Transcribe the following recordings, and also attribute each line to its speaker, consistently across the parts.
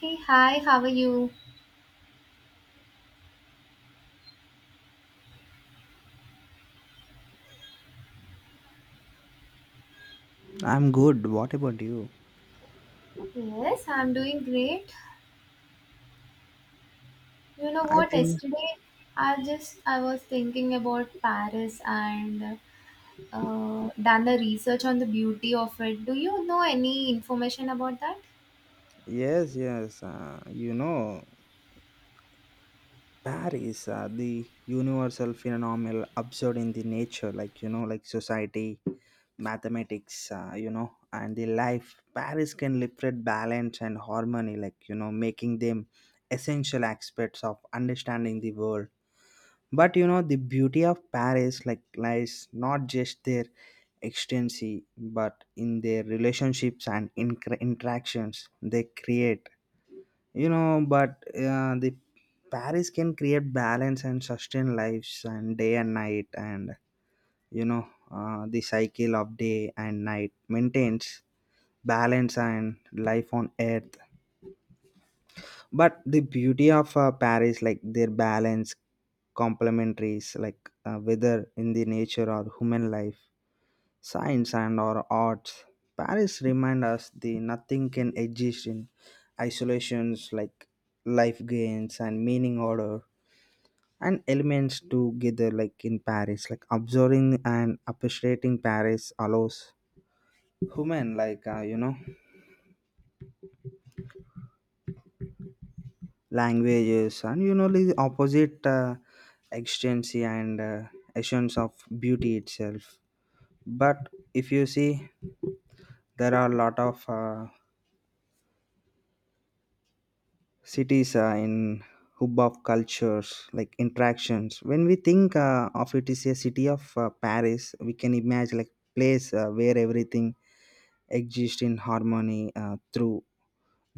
Speaker 1: Hey, hi, how are you?
Speaker 2: I'm good. What about you?
Speaker 1: Yes, I'm doing great. You know
Speaker 2: I
Speaker 1: what,
Speaker 2: think.
Speaker 1: yesterday I was thinking about Paris and done a research on the beauty of it. Do you know any information about that?
Speaker 2: Yes, yes. Paris, the universal phenomenal observed in the nature, like you know, like society, mathematics, and the life. Paris can liberate balance and harmony, like you know, making them essential aspects of understanding the world. But you know the beauty of Paris like lies not just their extensy but in their relationships and interactions they create you know. But the Paris can create balance and sustain lives and day and night. And you know the cycle of day and night maintains balance and life on earth. But the beauty of Paris like their balance complementaries, like whether in the nature or human life, science and or arts. Paris remind us the nothing can exist in isolations, like life gains and meaning order and elements together like in Paris. Like observing and appreciating Paris allows human like languages and you know the opposite extensity and essence of beauty itself. But if you see there are a lot of cities in hub of cultures, like interactions when we think of it is a city of Paris. We can imagine like place where everything exist in harmony through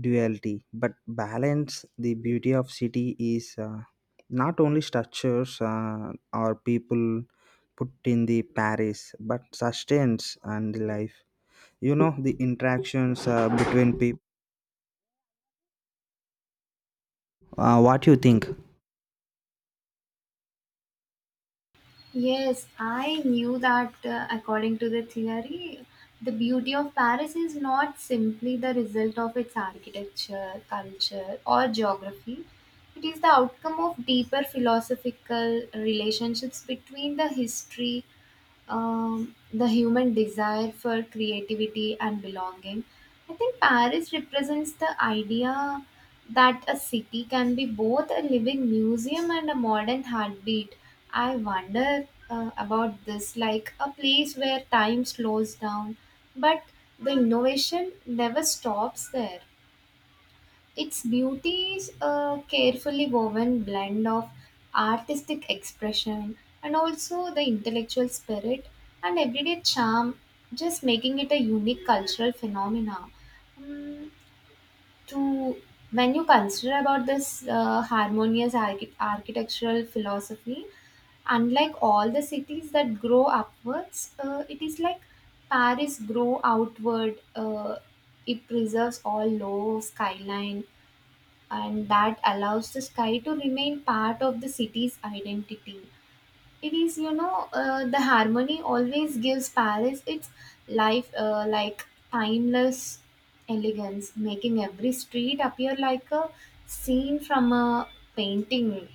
Speaker 2: duality but balance. The beauty of city is not only structures or people put in the Paris but sustains and the life. You know the interactions between people. What you think?
Speaker 1: Yes, I knew that according to the theory, the beauty of Paris is not simply the result of its architecture, culture, or geography. It is the outcome of deeper philosophical relationships between the history, the human desire for creativity and belonging. I think Paris represents the idea that a city can be both a living museum and a modern heartbeat. I wonder about this, like a place where time slows down, but the innovation never stops there. Its beauty is a carefully woven blend of artistic expression and also the intellectual spirit and everyday charm, just making it a unique cultural phenomena. Mm, to When you consider about this harmonious architectural philosophy, unlike all the cities that grow upwards, it is like Paris grow outward. It preserves all low skyline and that allows the sky to remain part of the city's identity. It is, you know, the harmony always gives Paris its life like timeless elegance, making every street appear like a scene from a painting.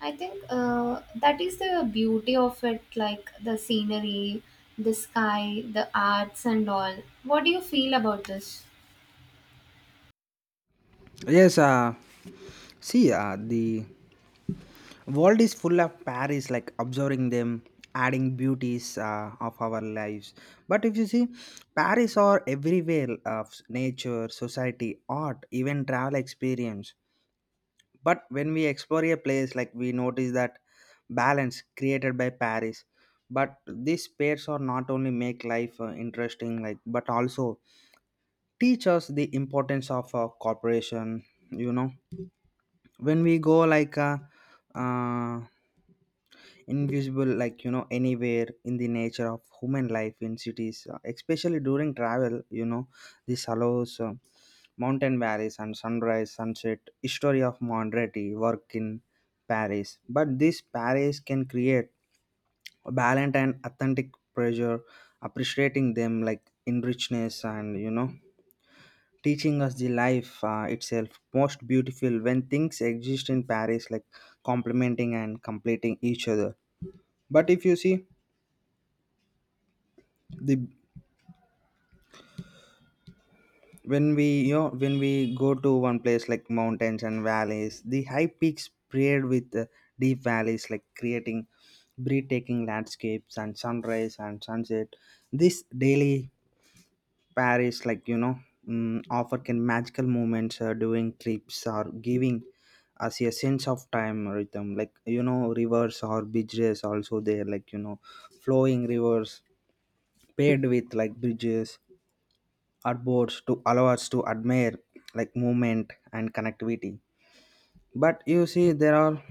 Speaker 1: I think that is the beauty of it, like the scenery, the sky, the arts, and all. What do you feel about this?
Speaker 2: Yes, see, the world is full of Paris, like observing them adding beauties of our lives. But if you see Paris are everywhere of nature, society, art, even travel experience. But when we explore a place, like we notice that balance created by Paris. But these pairs are not only make life interesting like but also teach us the importance of cooperation you know. When we go like uh, invisible like you know anywhere in the nature of human life in cities, especially during travel you know. This allows mountain valleys and sunrise sunset history of modernity work in Paris. But this Paris can create a balanced and authentic pressure, appreciating them like in richness and you know teaching us the life itself most beautiful when things exist in Paris, like complementing and completing each other. But if you see the when we you know when we go to one place like mountains and valleys, the high peaks paired with deep valleys, like creating breathtaking landscapes and sunrise and sunset. This daily Paris, like you know offer can magical moments during trips or giving us a sense of time rhythm, like you know, rivers or bridges also there, like you know flowing rivers paired with like bridges, artboards to allow us to admire like movement and connectivity. But you see there are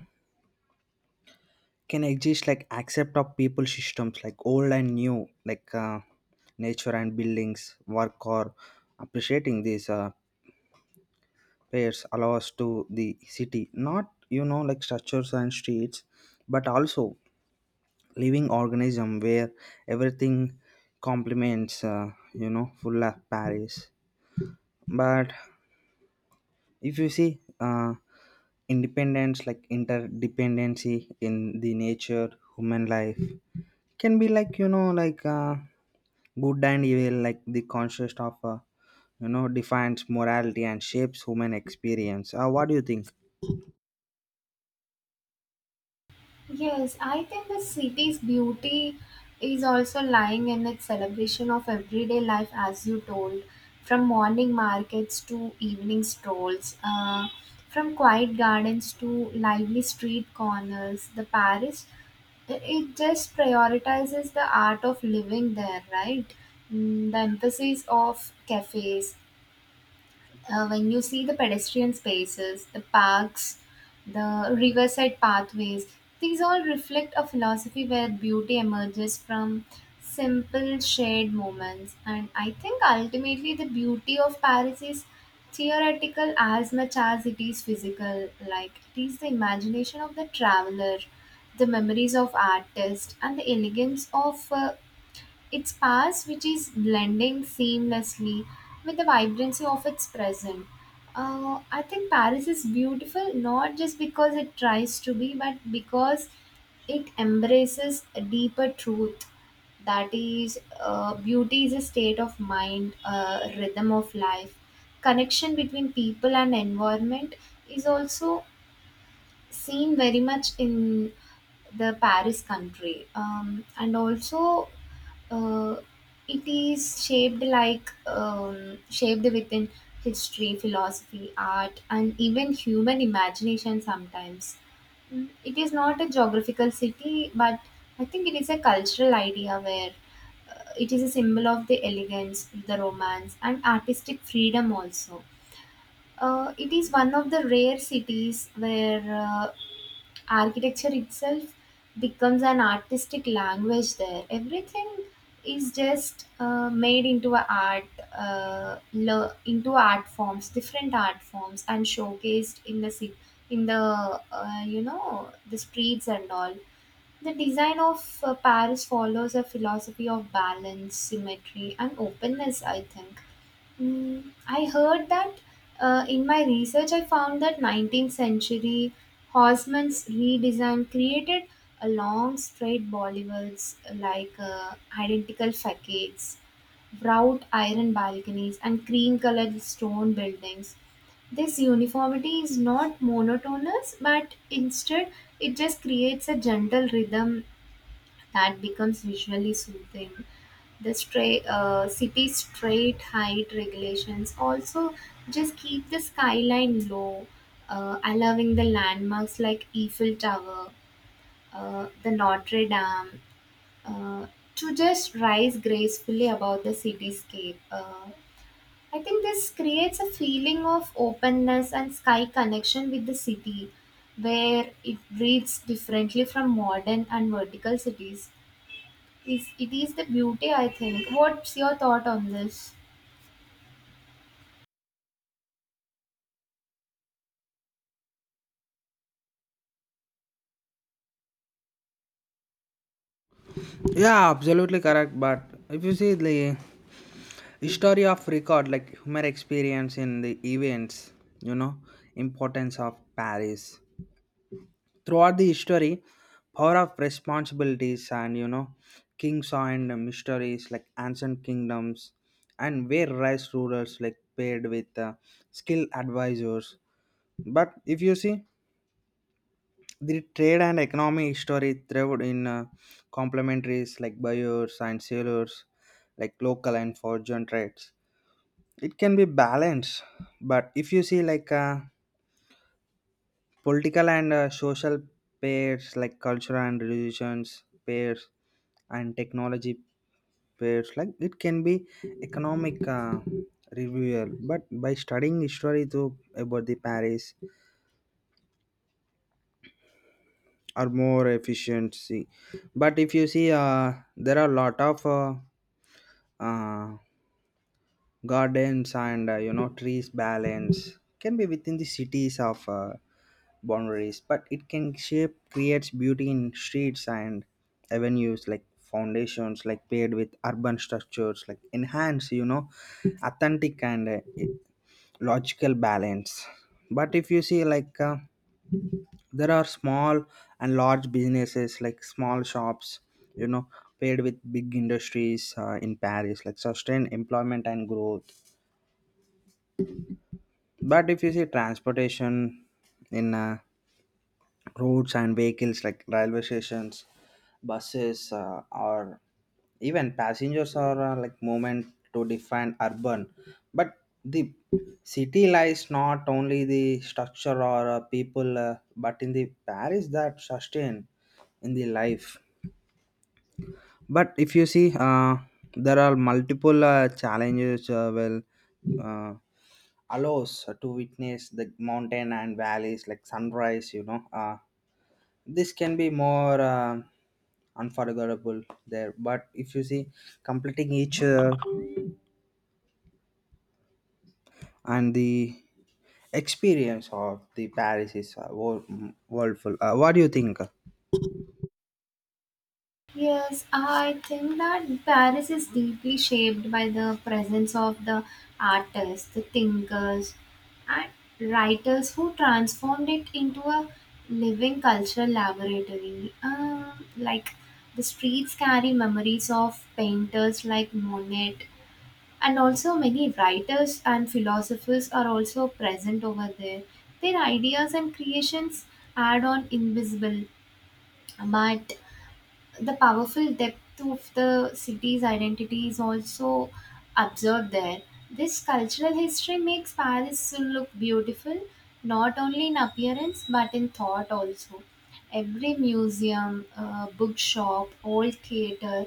Speaker 2: can exist like accept of people systems like old and new, like nature and buildings work or appreciating these pairs allow us to the city not you know like structures and streets but also living organism where everything complements full of Paris. But if you see independence like interdependency in the nature human life can be like you know like good and evil, like the conscious of defines morality and shapes human experience. What do you think?
Speaker 1: Yes, I think the city's beauty is also lying in its celebration of everyday life, as you told, from morning markets to evening strolls, from quiet gardens to lively street corners. The Paris, it just prioritizes the art of living there, right? Mm. The emphasis of cafes, when you see the pedestrian spaces, the parks, the riverside pathways, these all reflect a philosophy where beauty emerges from simple shared moments. And I think ultimately the beauty of Paris is theoretical as much as it is physical. Like it is the imagination of the traveler, the memories of artists, and the elegance of its past which is blending seamlessly with the vibrancy of its present. I think Paris is beautiful not just because it tries to be, but because it embraces a deeper truth. That is, beauty is a state of mind, a rhythm of life. Connection between people and environment is also seen very much in the Paris country, and also uh, it is shaped like shaped within history, philosophy, art, and even human imagination. Sometimes Mm, it is not a geographical city, but I think it is a cultural idea where it is a symbol of the elegance, the romance, and artistic freedom also. It is one of the rare cities where architecture itself becomes an artistic language there. Everything is just made into a art, into art forms, different art forms, and showcased in the city, in the you know the streets and all. The design of Paris follows a philosophy of balance, symmetry, and openness. I think Mm, I heard that in my research, I found that 19th century Haussmann's redesign created a long straight Bollywards like identical facades, wrought iron balconies, and cream colored stone buildings. This uniformity is not monotonous, but instead it just creates a gentle rhythm that becomes visually soothing. The city's straight height regulations also just keep the skyline low, allowing the landmarks like Eiffel Tower, the Notre Dame, uh, to just rise gracefully above the cityscape. I think this creates a feeling of openness and sky connection with the city, where it breathes differently from modern and vertical cities. Is it is the beauty. I think what's your thought on this?
Speaker 2: Yeah, absolutely correct. But if you see the history of record, like human experience in the events you know importance of Paris throughout the history, power of responsibilities and you know kings and mysteries like ancient kingdoms and where rice rulers like paired with skilled advisors. But if you see the trade and economy history thrived in complementaries like buyers and sellers, like local and foreign trades, it can be balanced. But if you see like political and social pairs, like cultural and religions pairs and technology pairs, like it can be economic reviewer. But by studying history to about the Paris or more efficiency. But if you see there are a lot of uh, gardens and you know trees balance can be within the cities of boundaries, but it can shape creates beauty in streets and avenues, like foundations like paired with urban structures like enhance you know authentic and logical balance. But if you see like there are small and large businesses, like small shops you know paired with big industries in Paris, like sustain employment and growth. But if you see transportation in roads and vehicles, like railway stations, buses or even passengers are like movement to define urban. But the city lies not only the structure or people but in the Paris that sustain in the life. But if you see there are multiple challenges well uh, allows to witness the mountain and valleys like sunrise you know. This can be more unforgettable there. But if you see completing each and the experience of the Paris is worldful. What do you think?
Speaker 1: Yes, I think that Paris is deeply shaped by the presence of the artists, the thinkers, and writers who transformed it into a living cultural laboratory. Like the streets carry memories of painters like Monet, and also many writers and philosophers are also present over there, their ideas and creations add on invisible but the powerful depth of the city's identity is also observed there. This cultural history makes Paris look beautiful not only in appearance but in thought also. Every museum, bookshop, old theater,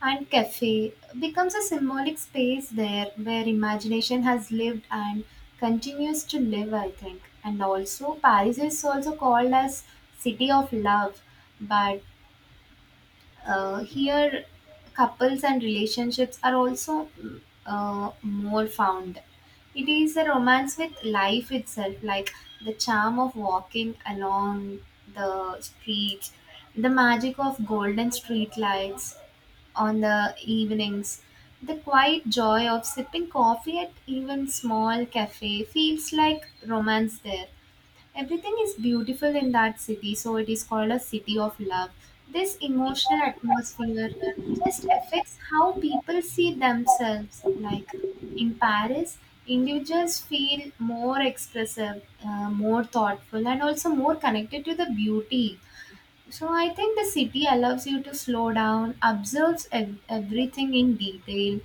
Speaker 1: and cafe becomes a symbolic space there where imagination has lived and continues to live, I think. And also, Paris is also called as City of Love, but here, couples and relationships are also more found. It is a romance with life itself, like the charm of walking along the streets, the magic of golden street lights on the evenings. The quiet joy of sipping coffee at even small cafe feels like romance there. Everything is beautiful in that city, so it is called a city of love. This emotional atmosphere just affects how people see themselves. Like in Paris, individuals feel more expressive, more thoughtful, and also more connected to the beauty. So I think the city allows you to slow down, observes everything in detail,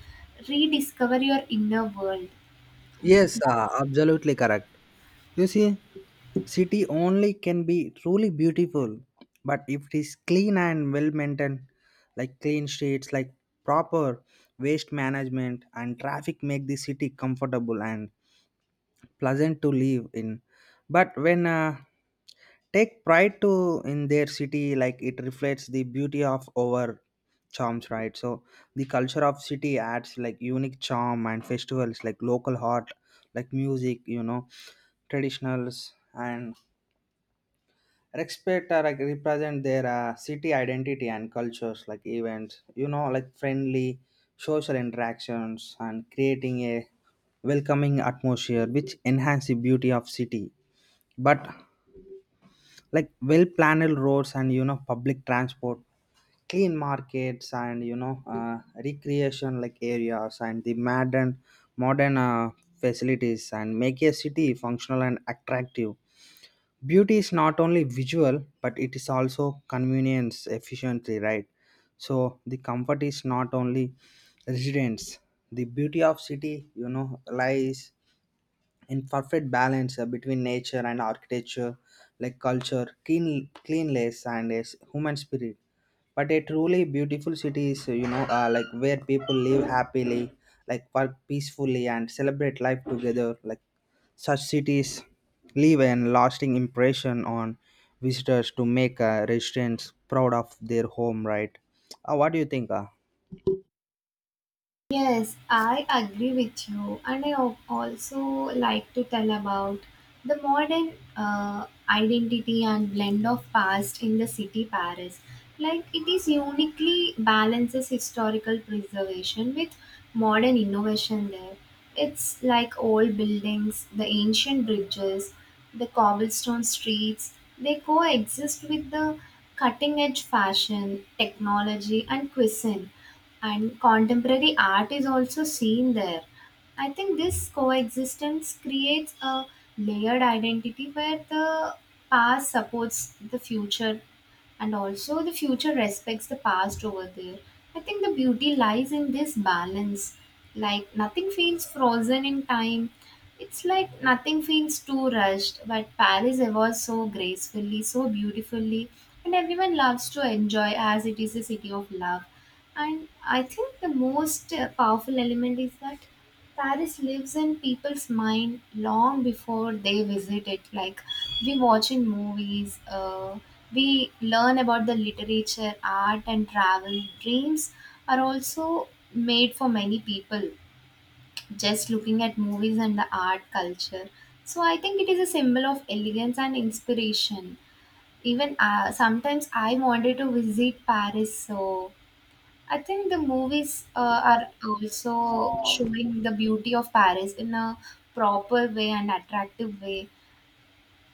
Speaker 1: rediscover your inner world. Mm.
Speaker 2: Yes, absolutely correct. You see city only can be truly beautiful but if it is clean and well maintained, like clean streets like proper waste management and traffic make the city comfortable and pleasant to live in. But when take pride to in their city, like it reflects the beauty of our charms, right? So the culture of city adds like unique charm and festivals, like local art like music you know traditionals and respect are like represent their city identity and cultures, like events you know like friendly social interactions and creating a welcoming atmosphere which enhance the beauty of city. But like well planned roads and you know public transport, clean markets and you know recreation like areas and the modern facilities and make a city functional and attractive. Beauty is not only visual but it is also convenience efficiency, right? So the comfort is not only residence. The beauty of city you know lies in perfect balance between nature and architecture, like culture, clean, cleanliness, and a human spirit. But a truly beautiful city is, like where people live happily, like work peacefully, and celebrate life together. Like such cities leave an lasting impression on visitors to make residents proud of their home, right? What do you think?
Speaker 1: Yes, I agree with you, and I also like to tell about the modern identity and blend of past in the city Paris. Like it is uniquely balances historical preservation with modern innovation there. It's like old buildings, the ancient bridges, the cobblestone streets, they coexist with the cutting edge fashion, technology, and cuisine and contemporary art is also seen there. I think this coexistence creates a layered identity where the past supports the future and also the future respects the past over there. I think the beauty lies in this balance. Like nothing feels frozen in time. It's like nothing feels too rushed, but Paris evolves so gracefully, so beautifully, and everyone loves to enjoy as it is a city of love. And I think the most powerful element is that Paris lives in people's mind long before they visit it. Like we watch in movies, we learn about the literature, art, and travel. Dreams are also made for many people just looking at movies and the art culture. So I think it is a symbol of elegance and inspiration. Even sometimes I wanted to visit Paris, so I think the movies are also showing the beauty of Paris in a proper way and attractive way.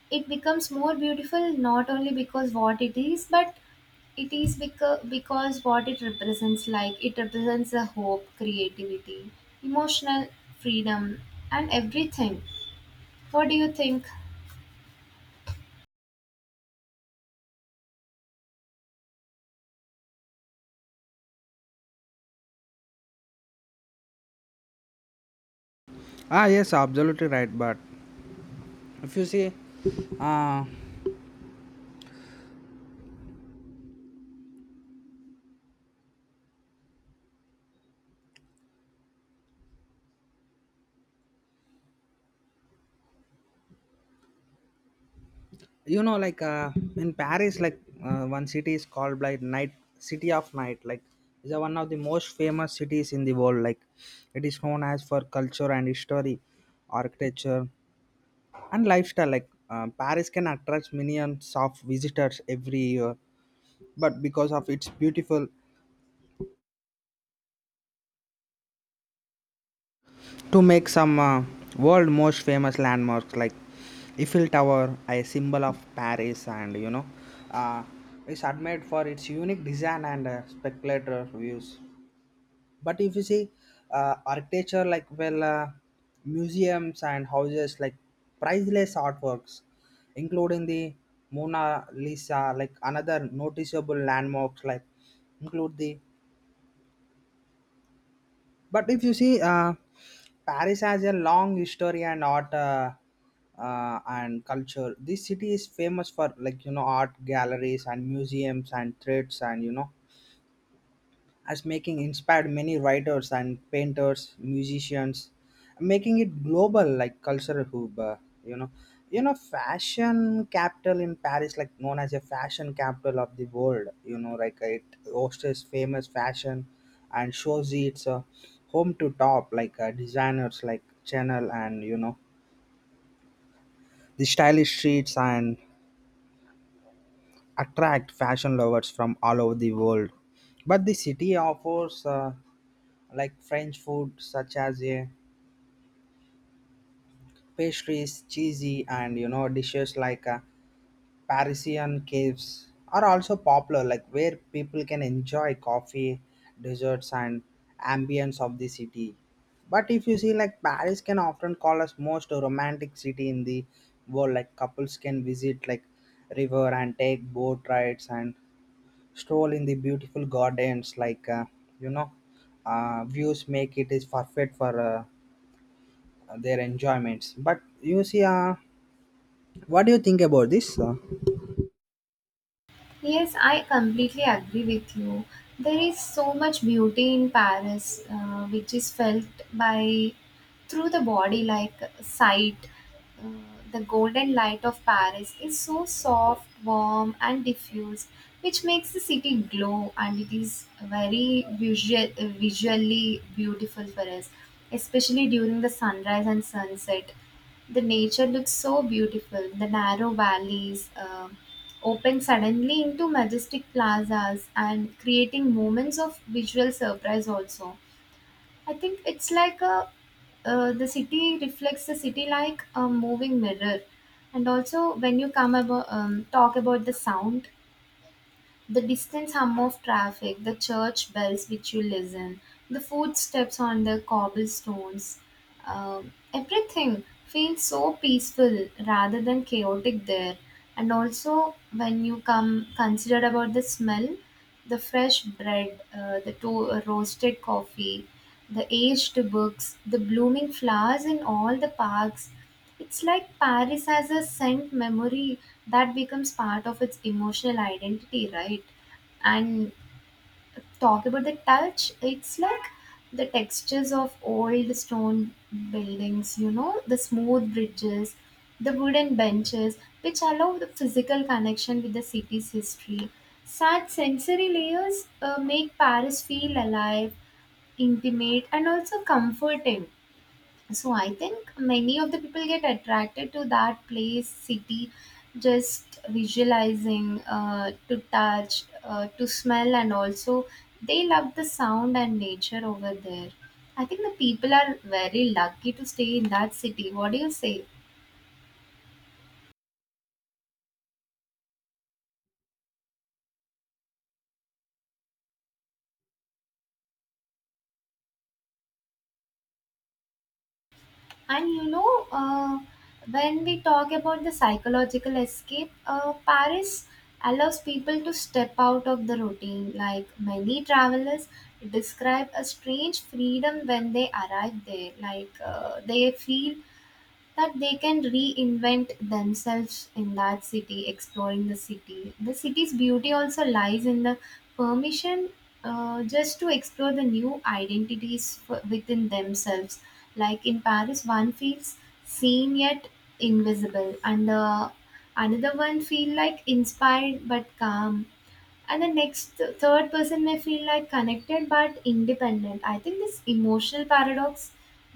Speaker 1: It becomes more beautiful not only because what it is, but it is because what it represents. Like it represents the hope, creativity, emotional freedom, and everything. What do you think?
Speaker 2: Ah, yes, absolutely right. But if you see, uh, you know like in Paris like one city is called like night city of night, like is one of the most famous cities in the world, like it is known as for culture and history, architecture and lifestyle, like Paris can attract millions of visitors every year but because of its beautiful to make some world most famous landmarks like Eiffel Tower, a symbol of Paris, and you know, uh, it's admired for its unique design and spectacular views. But if you see architecture like well, museums and houses like priceless artworks, including the Mona Lisa, like another noticeable landmarks like include the. But if you see, Paris has a long history and art and culture. This city is famous for like you know art galleries and museums and threads and you know as making inspired many writers and painters musicians, making it global like cultural hub you know fashion capital in Paris, like known as a fashion capital of the world you know, like it hosts famous fashion and shows its home to top like designers like Chanel and you know the stylish streets and attract fashion lovers from all over the world. But the city offers like French food such as pastries, cheesy, and you know dishes like Parisian caves are also popular, like where people can enjoy coffee, desserts, and ambience of the city. But if you see, like Paris can often call us most romantic city in the world. Like couples can visit like river and take boat rides and stroll in the beautiful gardens. Like you know, views make it is perfect for their enjoyments. But you see, what do you think about this?
Speaker 1: Yes, I completely agree with you. There is so much beauty in Paris, which is felt by through the body, like sight. Uh, the golden light of Paris is so soft, warm, and diffuse, which makes the city glow, and it is very visually beautiful for us, especially during the sunrise and sunset. The nature looks so beautiful. The narrow valleys open suddenly into majestic plazas and creating moments of visual surprise also. I think it's like a the city reflects the city like a moving mirror. And also when you come about talk about the sound, the distant hum of traffic, the church bells which you listen, the footsteps on the cobblestones, everything feels so peaceful rather than chaotic there. And also, when you come consider about the smell, the fresh bread, roasted coffee, the aged books, the blooming flowers in all the parks, it's like Paris has a scent memory that becomes part of its emotional identity, right? And talk about the touch, it's like the textures of old stone buildings, you know, the smooth bridges, the wooden benches, which allow the physical connection with the city's history. Such sensory layers make Paris feel alive, intimate, and also comforting. So I think many of the people get attracted to that place city, just visualizing to touch to smell, and also they love the sound and nature over there. I think the people are very lucky to stay in that city. What do you say? And you know, when we talk about the psychological escape, Paris allows people to step out of the routine. Like many travelers describe a strange freedom when they arrive there. Like they feel that they can reinvent themselves in that city, exploring the city. The city's beauty also lies in the permission just to explore the new identities within themselves. Like in Paris, one feels seen yet invisible, and the another one feel like inspired but calm, and the next the third person may feel like connected but independent. I think this emotional paradox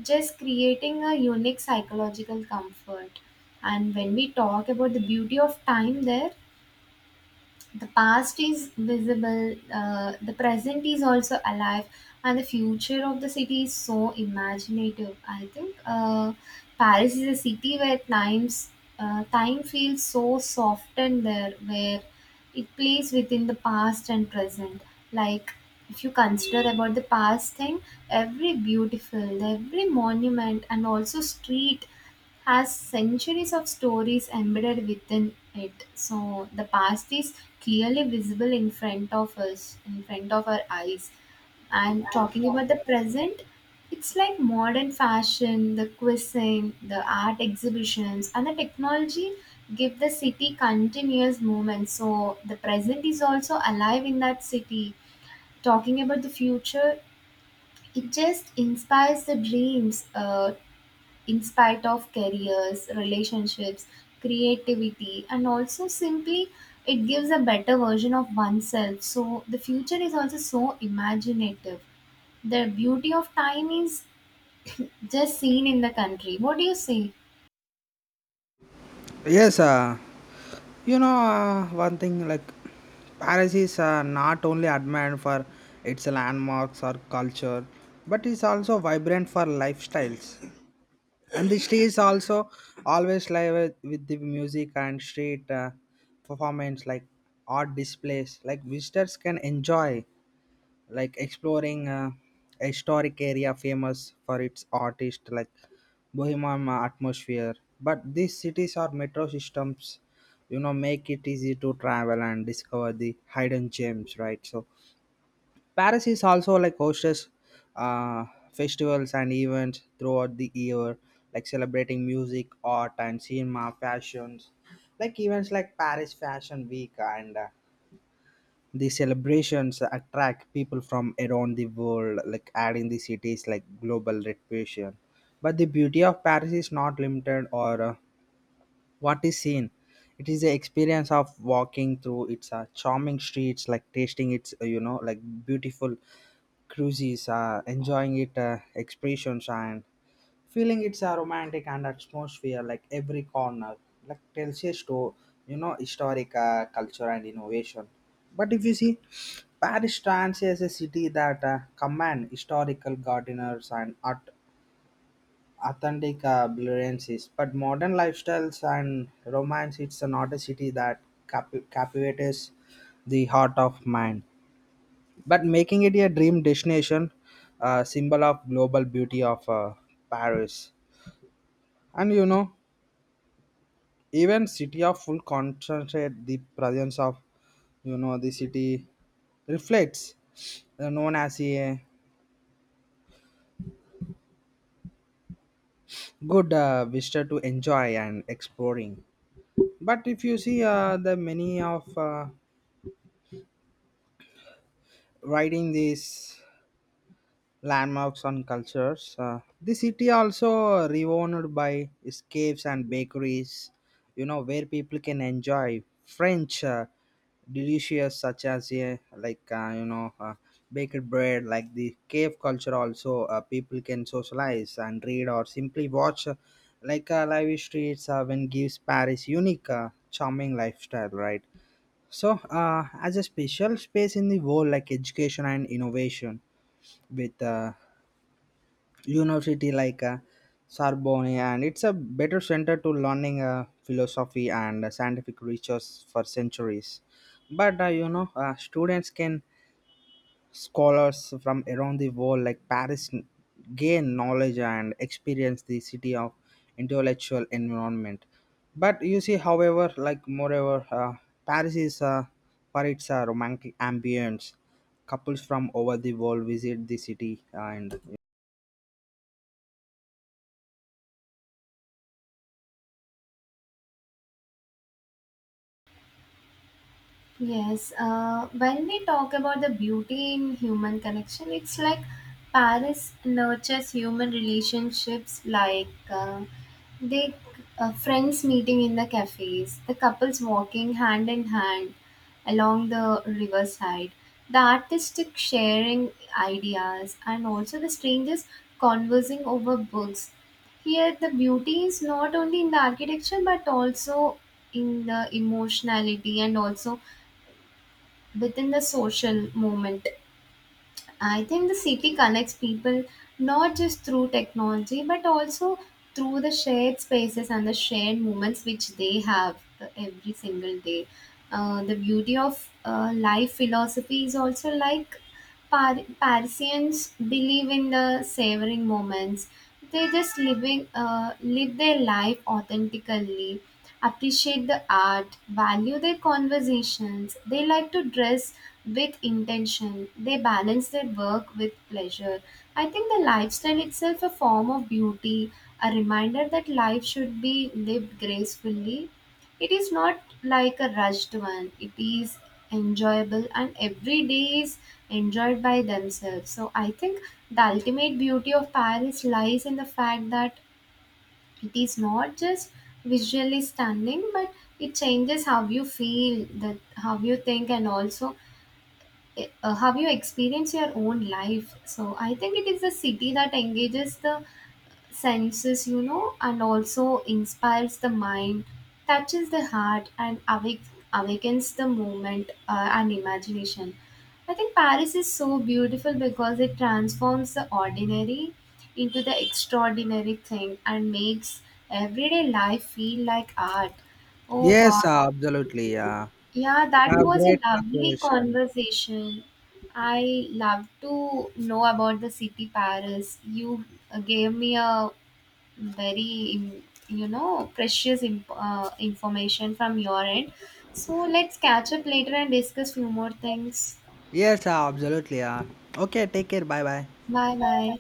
Speaker 1: just creating a unique psychological comfort. And when we talk about the beauty of time there, the past is visible, the present is also alive, and the future of the city is so imaginative. I think Paris is a city where time feels so softened there, where it plays within the past and present. Like if you consider about the past thing, every beautiful, every monument, and also street has centuries of stories embedded within it. So the past is clearly visible in front of us, in front of our eyes. And talking about the present, it's like modern fashion, the cuisine, the art exhibitions, and the technology give the city continuous movement. So the present is also alive in that city. Talking about the future, it just inspires the dreams. In spite of careers, relationships, creativity, and also simply it gives a better version of oneself. So the future is also so imaginative. The beauty of time is just seen in the country. What do you say?
Speaker 2: Yes, you know, one thing like Paris is, not only admired for its landmarks or culture but is also vibrant for lifestyles, and the city is also always live with the music and street performance, like art displays like visitors can enjoy like exploring a historic area famous for its artist like bohemian atmosphere. But these cities or metro systems you know make it easy to travel and discover the hidden gems, right? So Paris is also like hosts uh, festivals and events throughout the year, like celebrating music, art and cinema fashions, like events like Paris fashion week and the celebrations attract people from around the world, like adding the cities like global reputation. But the beauty of Paris is not limited or what is seen. It is the experience of walking through its charming streets, like tasting its like beautiful cruises, enjoying it expressions and feeling it's a romantic and atmosphere, like every corner like tells a story, you know historic culture and innovation. But if you see Paris stands as a city that command historical gardeners and art authentic brilliances but modern lifestyles and romance. It's not a city that captivates the heart of man but making it a dream destination, a symbol of global beauty of Paris. And you know, even city of full concentrate the presence of you know the city reflects known as a good visitor to enjoy and exploring. But if you see the many of riding this landmarks and cultures. The city also renowned by its caves and bakeries, you know, where people can enjoy French delicious such as, yeah, like baked bread. Like the cave culture also, people can socialize and read or simply watch. Like live streets when gives Paris unique, charming lifestyle, right? So, as a special space in the world, like education and innovation, with university like Sorbonne, and it's a better center to learning philosophy and scientific research for centuries. But students can scholars from around the world like gain knowledge and experience the city of intellectual environment. But you see, however, like moreover, Paris is for its romantic ambience. Couples from over the world visit the city and
Speaker 1: Yes, when we talk about the beauty in human connection, it's like Paris nurtures human relationships like the friends meeting in the cafes, the couples walking hand in hand along the riverside, the artistic sharing ideas, and also the strangers conversing over books. Here, the beauty is not only in the architecture but also in the emotionality and also within the social movement. I think the city connects people not just through technology but also through the shared spaces and the shared moments which they have every single day. The beauty of life philosophy is also like Parisians believe in the savoring moments. They just living live their life authentically, appreciate the art, value their conversations. They like to dress with intention. They balance their work with pleasure. I think the lifestyle itself a form of beauty, a reminder that life should be lived gracefully. It is not like a rushed one. It is enjoyable and every day is enjoyed by themselves. So I think the ultimate beauty of Paris lies in the fact that it is not just visually stunning but it changes how you feel, that how you think, and also have you experienced your own life. So I think it is a city that engages the senses, you know, and also inspires the mind, touches the heart, and awakens the moment and imagination. I think Paris is so beautiful because it transforms the ordinary into the extraordinary thing and makes everyday life feel like art. Oh
Speaker 2: yes,
Speaker 1: god.
Speaker 2: absolutely. Yeah.
Speaker 1: Yeah, that
Speaker 2: Have
Speaker 1: was a
Speaker 2: great
Speaker 1: lovely
Speaker 2: conversation.
Speaker 1: conversation. I love to know about the city Paris. You gave me a very, you know, precious information from your end. So let's catch up later and discuss few more things.
Speaker 2: Yes, absolutely. Yeah. Okay, take care. Bye bye.
Speaker 1: Bye bye.